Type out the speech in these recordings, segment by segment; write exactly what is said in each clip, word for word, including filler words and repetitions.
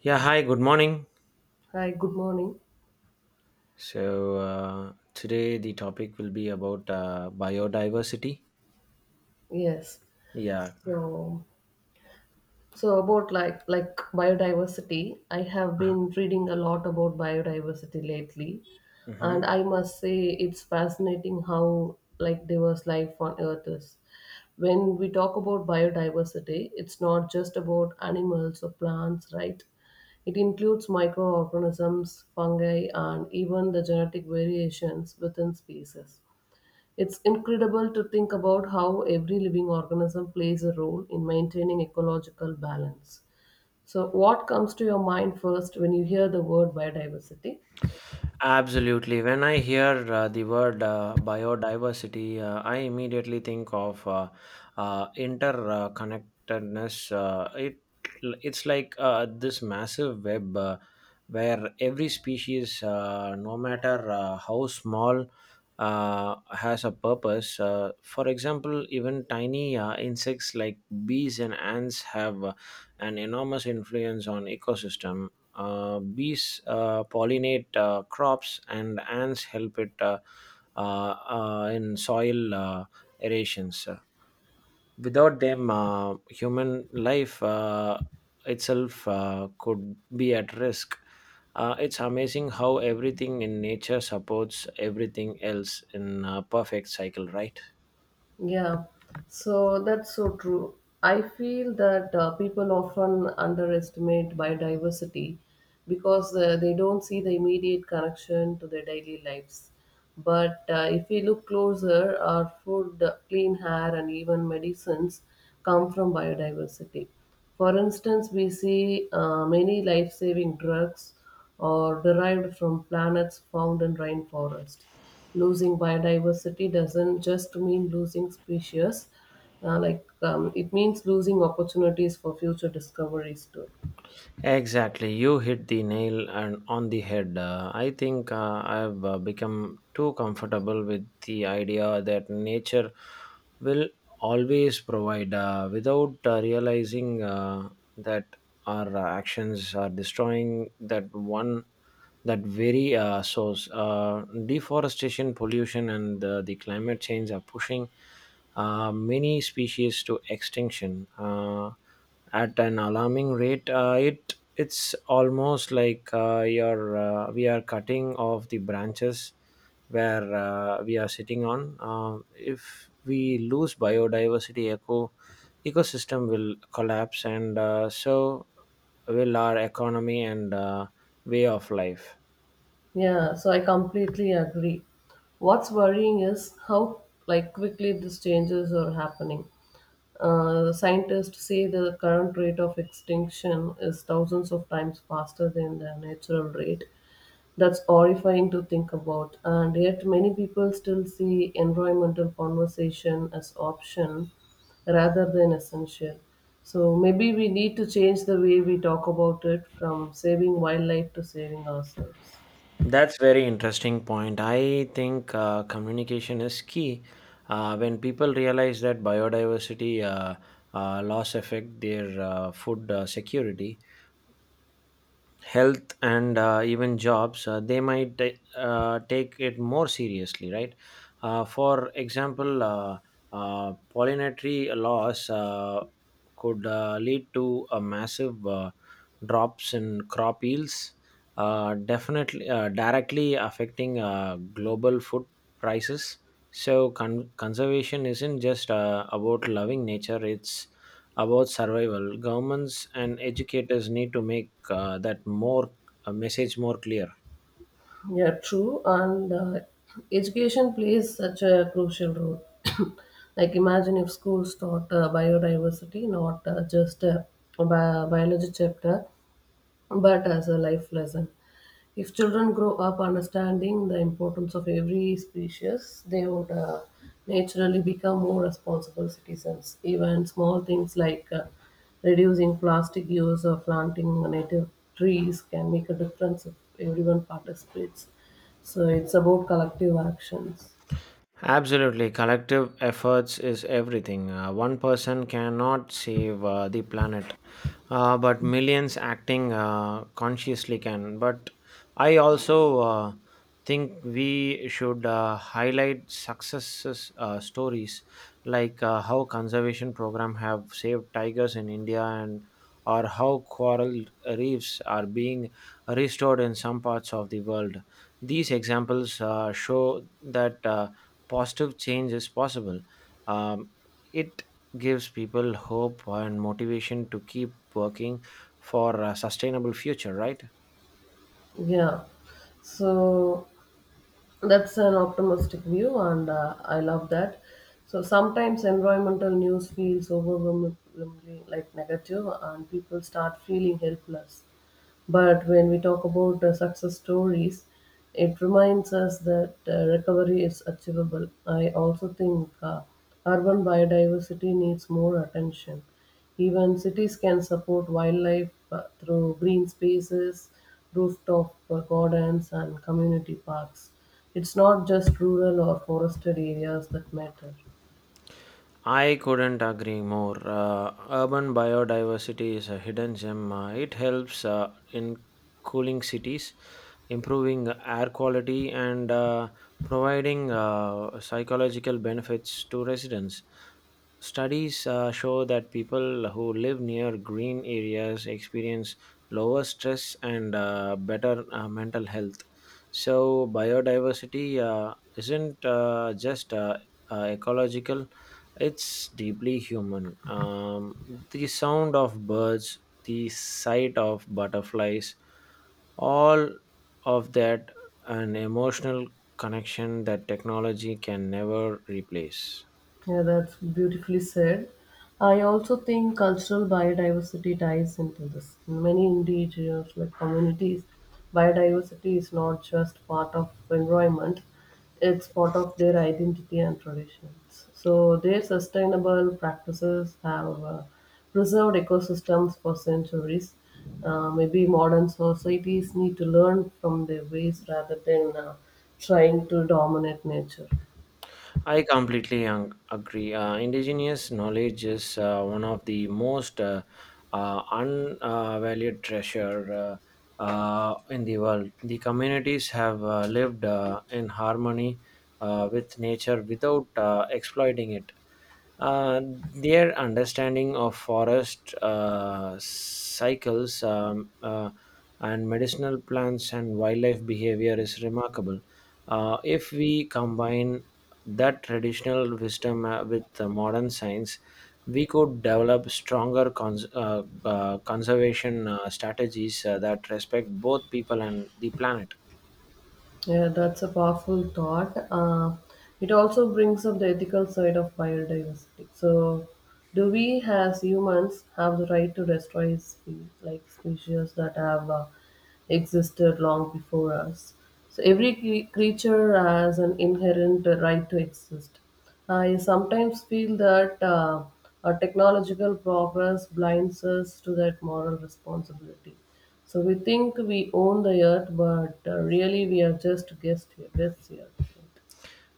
Yeah, hi, good morning. Hi, good morning. So, uh, today the topic will be about uh, biodiversity. Yes. Yeah. So, so about like like biodiversity, I have been reading a lot about biodiversity lately, Hmm. and I must say it's fascinating how like diverse life on Earth is. When we talk about biodiversity, it's not just about animals or plants, right? It includes microorganisms, fungi, and even the genetic variations within species. It's incredible to think about how every living organism plays a role in maintaining ecological balance. So, what comes to your mind first when you hear the word biodiversity? Absolutely. When I hear uh, the word uh, biodiversity, uh, I immediately think of uh, uh, interconnectedness. Uh, it it's like uh, this massive web uh, where every species, uh, no matter uh, how small, uh, has a purpose. Uh, for example, even tiny uh, insects like bees and ants have uh, an enormous influence on ecosystem. Uh, bees uh, pollinate uh, crops, and ants help it uh, uh, uh, in soil uh, aerations. Without them, uh, human life uh, itself uh, could be at risk. Uh, it's amazing how everything in nature supports everything else in a perfect cycle, right? Yeah, so that's so true. I feel that uh, people often underestimate biodiversity because uh, they don't see the immediate connection to their daily lives. But uh, if we look closer, our food, uh, clean air, and even medicines come from biodiversity. For instance, we see uh, many life saving drugs are derived from planets found in rainforest. Losing biodiversity doesn't just mean losing species, uh, like um, it means losing opportunities for future discoveries too. Exactly, you hit the nail and on the head. Uh, I think uh, I've uh, become too comfortable with the idea that nature will always provide uh, without uh, realizing uh, that our uh, actions are destroying that one that very uh, source. Uh, deforestation, pollution, and uh, the climate change are pushing uh, many species to extinction Uh, at an alarming rate. Uh, it it's almost like uh, you're uh, we are cutting off the branches where uh, we are sitting on. Um if we lose biodiversity, eco ecosystem will collapse, and uh, so will our economy and uh, way of life. Yeah, so I completely agree. What's worrying is how like quickly these changes are happening. Uh, scientists say the current rate of extinction is thousands of times faster than the natural rate. That's horrifying to think about, and yet many people still see environmental conversation as option rather than essential. So maybe we need to change the way we talk about it from saving wildlife to saving ourselves. That's very interesting point. I think uh, communication is key uh, when people realize that biodiversity uh, uh, loss affect their uh, food uh, security health and uh, even jobs, uh, they might ta- uh, take it more seriously, right? Uh, for example, uh, uh, pollinatory loss uh, could uh, lead to a massive uh, drops in crop yields, uh, definitely uh, directly affecting uh, global food prices. So con- conservation isn't just uh, about loving nature; it's about survival. Governments and educators need to make uh, that more a message more clear. Yeah, true. And uh, education plays such a crucial role. Like, imagine if schools taught uh, biodiversity, not uh, just a bi- biology chapter, but as a life lesson. If children grow up understanding the importance of every species, they would uh, naturally become more responsible citizens. Even small things like uh, reducing plastic use or planting native trees can make a difference if everyone participates. So it's about collective actions. Absolutely, collective efforts is everything. Uh, one person cannot save uh, the planet, uh, but millions acting uh, consciously can. But I also uh, think we should uh, highlight successes uh, stories like uh, how conservation program have saved tigers in India and or how coral reefs are being restored in some parts of the world. These examples uh, show that. Uh, positive change is possible. Um, it gives people hope and motivation to keep working for a sustainable future, right? Yeah. So That's an optimistic view, and uh, I love that. So sometimes environmental news feels overwhelmingly like negative, and people start feeling helpless. But when we talk about uh, success stories, it reminds us that uh, recovery is achievable. I also think uh, urban biodiversity needs more attention. Even cities can support wildlife uh, through green spaces, rooftop uh, gardens, and community parks. It's not just rural or forested areas that matter. I couldn't agree more. Uh, urban biodiversity is a hidden gem. Uh, it helps uh, in cooling cities, improving air quality, and uh, providing uh, psychological benefits to residents. Studies uh, show that people who live near green areas experience lower stress and uh, better uh, mental health. So, biodiversity uh, isn't uh, just uh, uh, ecological. It's deeply human. Um, the sound of birds, the sight of butterflies, all of that, an emotional connection that technology can never replace. Yeah, that's beautifully said. I also think cultural biodiversity ties into this. In many indigenous like communities, biodiversity is not just part of environment; it's part of their identity and traditions. So their sustainable practices have uh, preserved ecosystems for centuries. Uh, maybe modern societies need to learn from their ways rather than uh, trying to dominate nature. I completely ang- agree. Uh, indigenous knowledge is uh, one of the most uh, uh, unvalued treasure uh, uh, in the world. The communities have uh, lived uh, in harmony uh, with nature without uh, exploiting it. Uh, their understanding of forest uh, cycles um, uh, and medicinal plants and wildlife behavior is remarkable. Uh, if we combine that traditional wisdom uh, with the modern science, we could develop stronger cons- uh, uh, conservation uh, strategies uh, that respect both people and the planet. Yeah, that's a powerful thought. Uh, it also brings up the ethical side of biodiversity. So, do we as humans have the right to destroy spe- like species that have uh, existed long before us? So, every cre- creature has an inherent right to exist. I sometimes feel that uh, our technological progress blinds us to that moral responsibility. So we think we own the earth, but uh, really we are just guests here. Guests here.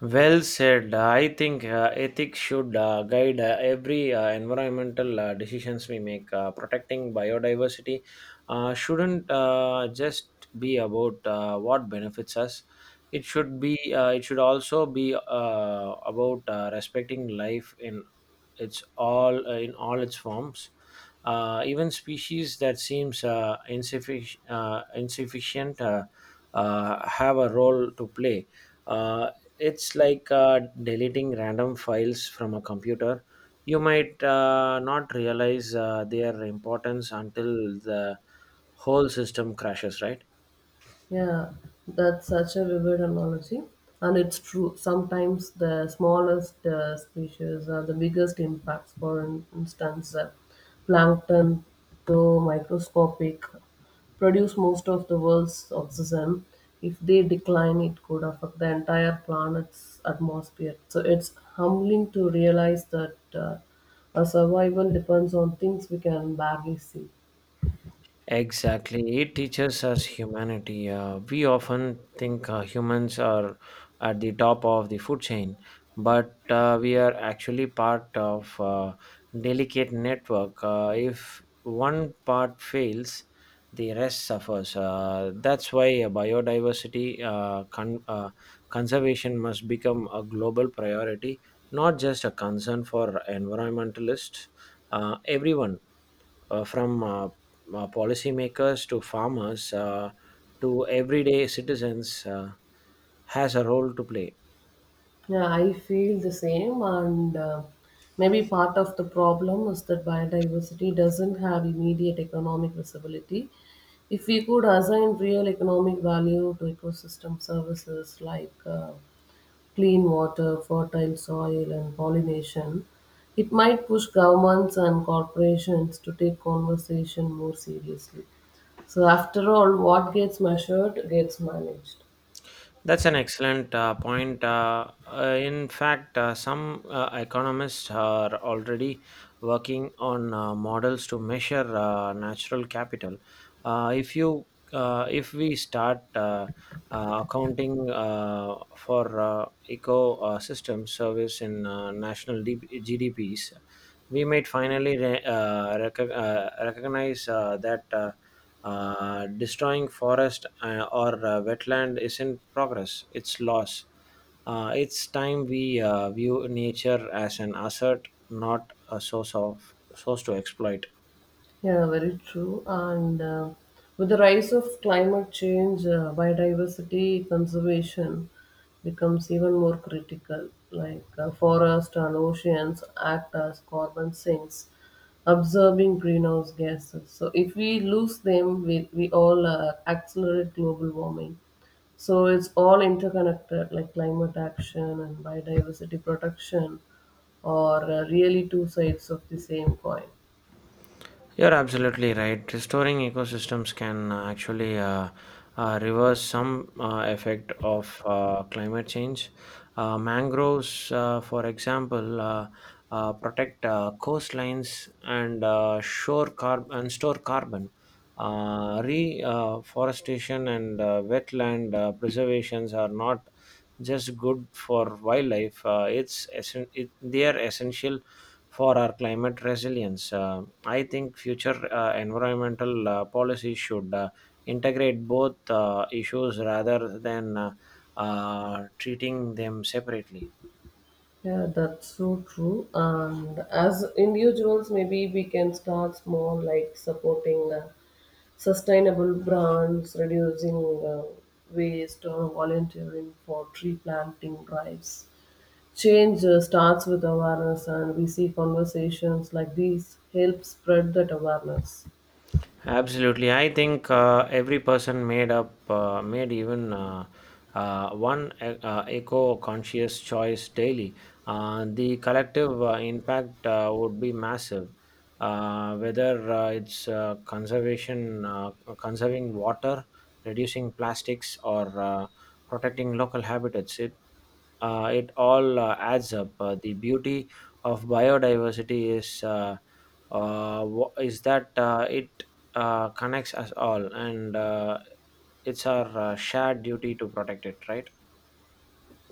Well said. Uh, I think uh, ethics should uh, guide uh, every uh, environmental uh, decisions we make. Uh, protecting biodiversity uh, shouldn't uh, just be about uh, what benefits us. It should be. Uh, it should also be uh, about uh, respecting life in it's all uh, in all its forms uh, even species that seems uh, insuffic- uh, insufficient uh, uh, have a role to play. uh, it's like uh, deleting random files from a computer. You might uh, not realize uh, their importance until the whole system crashes, right? Yeah, that's such a vivid analogy. And it's true. Sometimes the smallest uh, species are the biggest impacts. For in- instance, uh, plankton, though microscopic, produce most of the world's oxygen. If they decline, it could affect the entire planet's atmosphere. So it's humbling to realize that uh, our survival depends on things we can barely see. Exactly. It teaches us humanity. Uh, we often think uh, humans are at the top of the food chain, but uh, we are actually part of a delicate network. Uh, if one part fails, the rest suffers. Uh, that's why uh, biodiversity uh, con- uh, conservation must become a global priority, not just a concern for environmentalists. Uh, everyone uh, from uh, uh, policymakers to farmers uh, to everyday citizens uh, has a role to play. Yeah, I feel the same, and uh, maybe part of the problem is that biodiversity doesn't have immediate economic visibility. If we could assign real economic value to ecosystem services like uh, clean water, fertile soil, and pollination, it might push governments and corporations to take conservation more seriously. So, after all, what gets measured gets managed. That's an excellent uh, point. Uh, uh, in fact, uh, some uh, economists are already working on uh, models to measure uh, natural capital. Uh, if you, uh, if we start uh, uh, accounting uh, for uh, ecosystem service in uh, national D- G D Ps, we might finally re- uh, rec- uh, recognize uh, that. Uh, uh, destroying forest uh, or uh, wetland isn't progress; it's loss. Uh, it's time we uh, view nature as an asset, not a source of source to exploit. Yeah, very true. And uh, with the rise of climate change, uh, biodiversity conservation becomes even more critical. Like uh, forests and oceans act as carbon sinks, absorbing greenhouse gases. So if we lose them, we, we all uh, accelerate global warming. So it's all interconnected, like climate action and biodiversity protection are uh, really two sides of the same coin. You're absolutely right. Restoring ecosystems can uh, actually uh, uh, reverse some uh, effect of uh, climate change. Uh, mangroves, uh, for example, uh, uh, protect uh, coastlines and uh, shore carb- and store carbon. Uh, reforestation and uh, wetland uh, preservations are not just good for wildlife. Uh, it's essen- it, they are essential for our climate resilience. Uh, I think future uh, environmental uh, policies should uh, integrate both uh, issues rather than uh, uh, treating them separately. Yeah, that's so true. And as individuals, maybe we can start small, like supporting uh, sustainable brands, reducing uh, waste, or volunteering for tree planting drives. Change uh, starts with awareness, and we see conversations like these help spread that awareness. Absolutely, I think uh, every person made up uh, made even uh, uh, one e- uh, eco-conscious choice daily. Uh, the collective uh, impact uh, would be massive. Uh, whether uh, it's uh, conservation, uh, conserving water, reducing plastics, or uh, protecting local habitats, uh, it all uh, adds up. Uh, the beauty of biodiversity is uh, uh, wha- is that uh, it uh, connects us all, and uh, it's our uh, shared duty to protect it, right?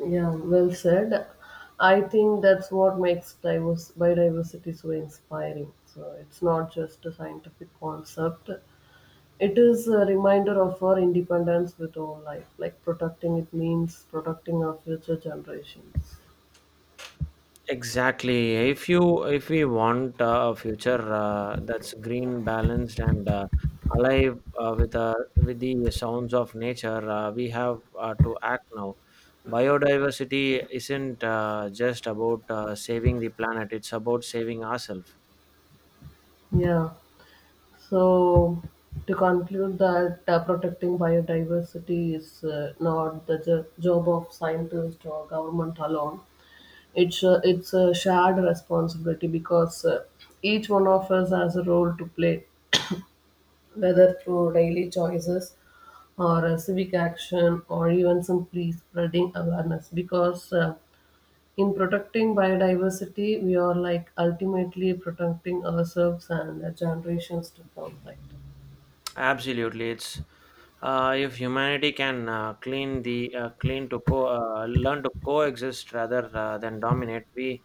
Yeah, well said. I think that's what makes diverse biodiversity so inspiring. So it's not just a scientific concept. It is a reminder of our independence with own life. Like protecting it means protecting our future generations. Exactly. If you if we want uh, a future uh, that's green, balanced, and uh, alive uh, with uh, with the sounds of nature, uh, we have uh, to act now. Biodiversity isn't uh, just about uh, saving the planet; it's about saving ourselves. Yeah. So to conclude that uh, protecting biodiversity is uh, not the jo- job of scientists or government alone. It's a, it's a shared responsibility because uh, each one of us has a role to play, whether through daily choices or a civic action or even simply spreading awareness because uh, in protecting biodiversity, we are like ultimately protecting ourselves and the generations to come, right? Absolutely, it's uh, if humanity can uh, clean the uh, clean to co- uh, learn to coexist rather uh, than dominate, we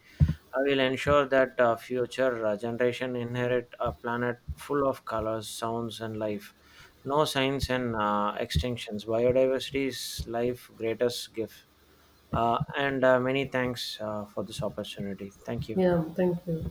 I will ensure that uh, future uh, generation inherit a planet full of colors, sounds, and life. No signs and uh, extinctions. Biodiversity is life's greatest gift. Uh, and uh, Many thanks uh, for this opportunity. Thank you. Yeah, thank you.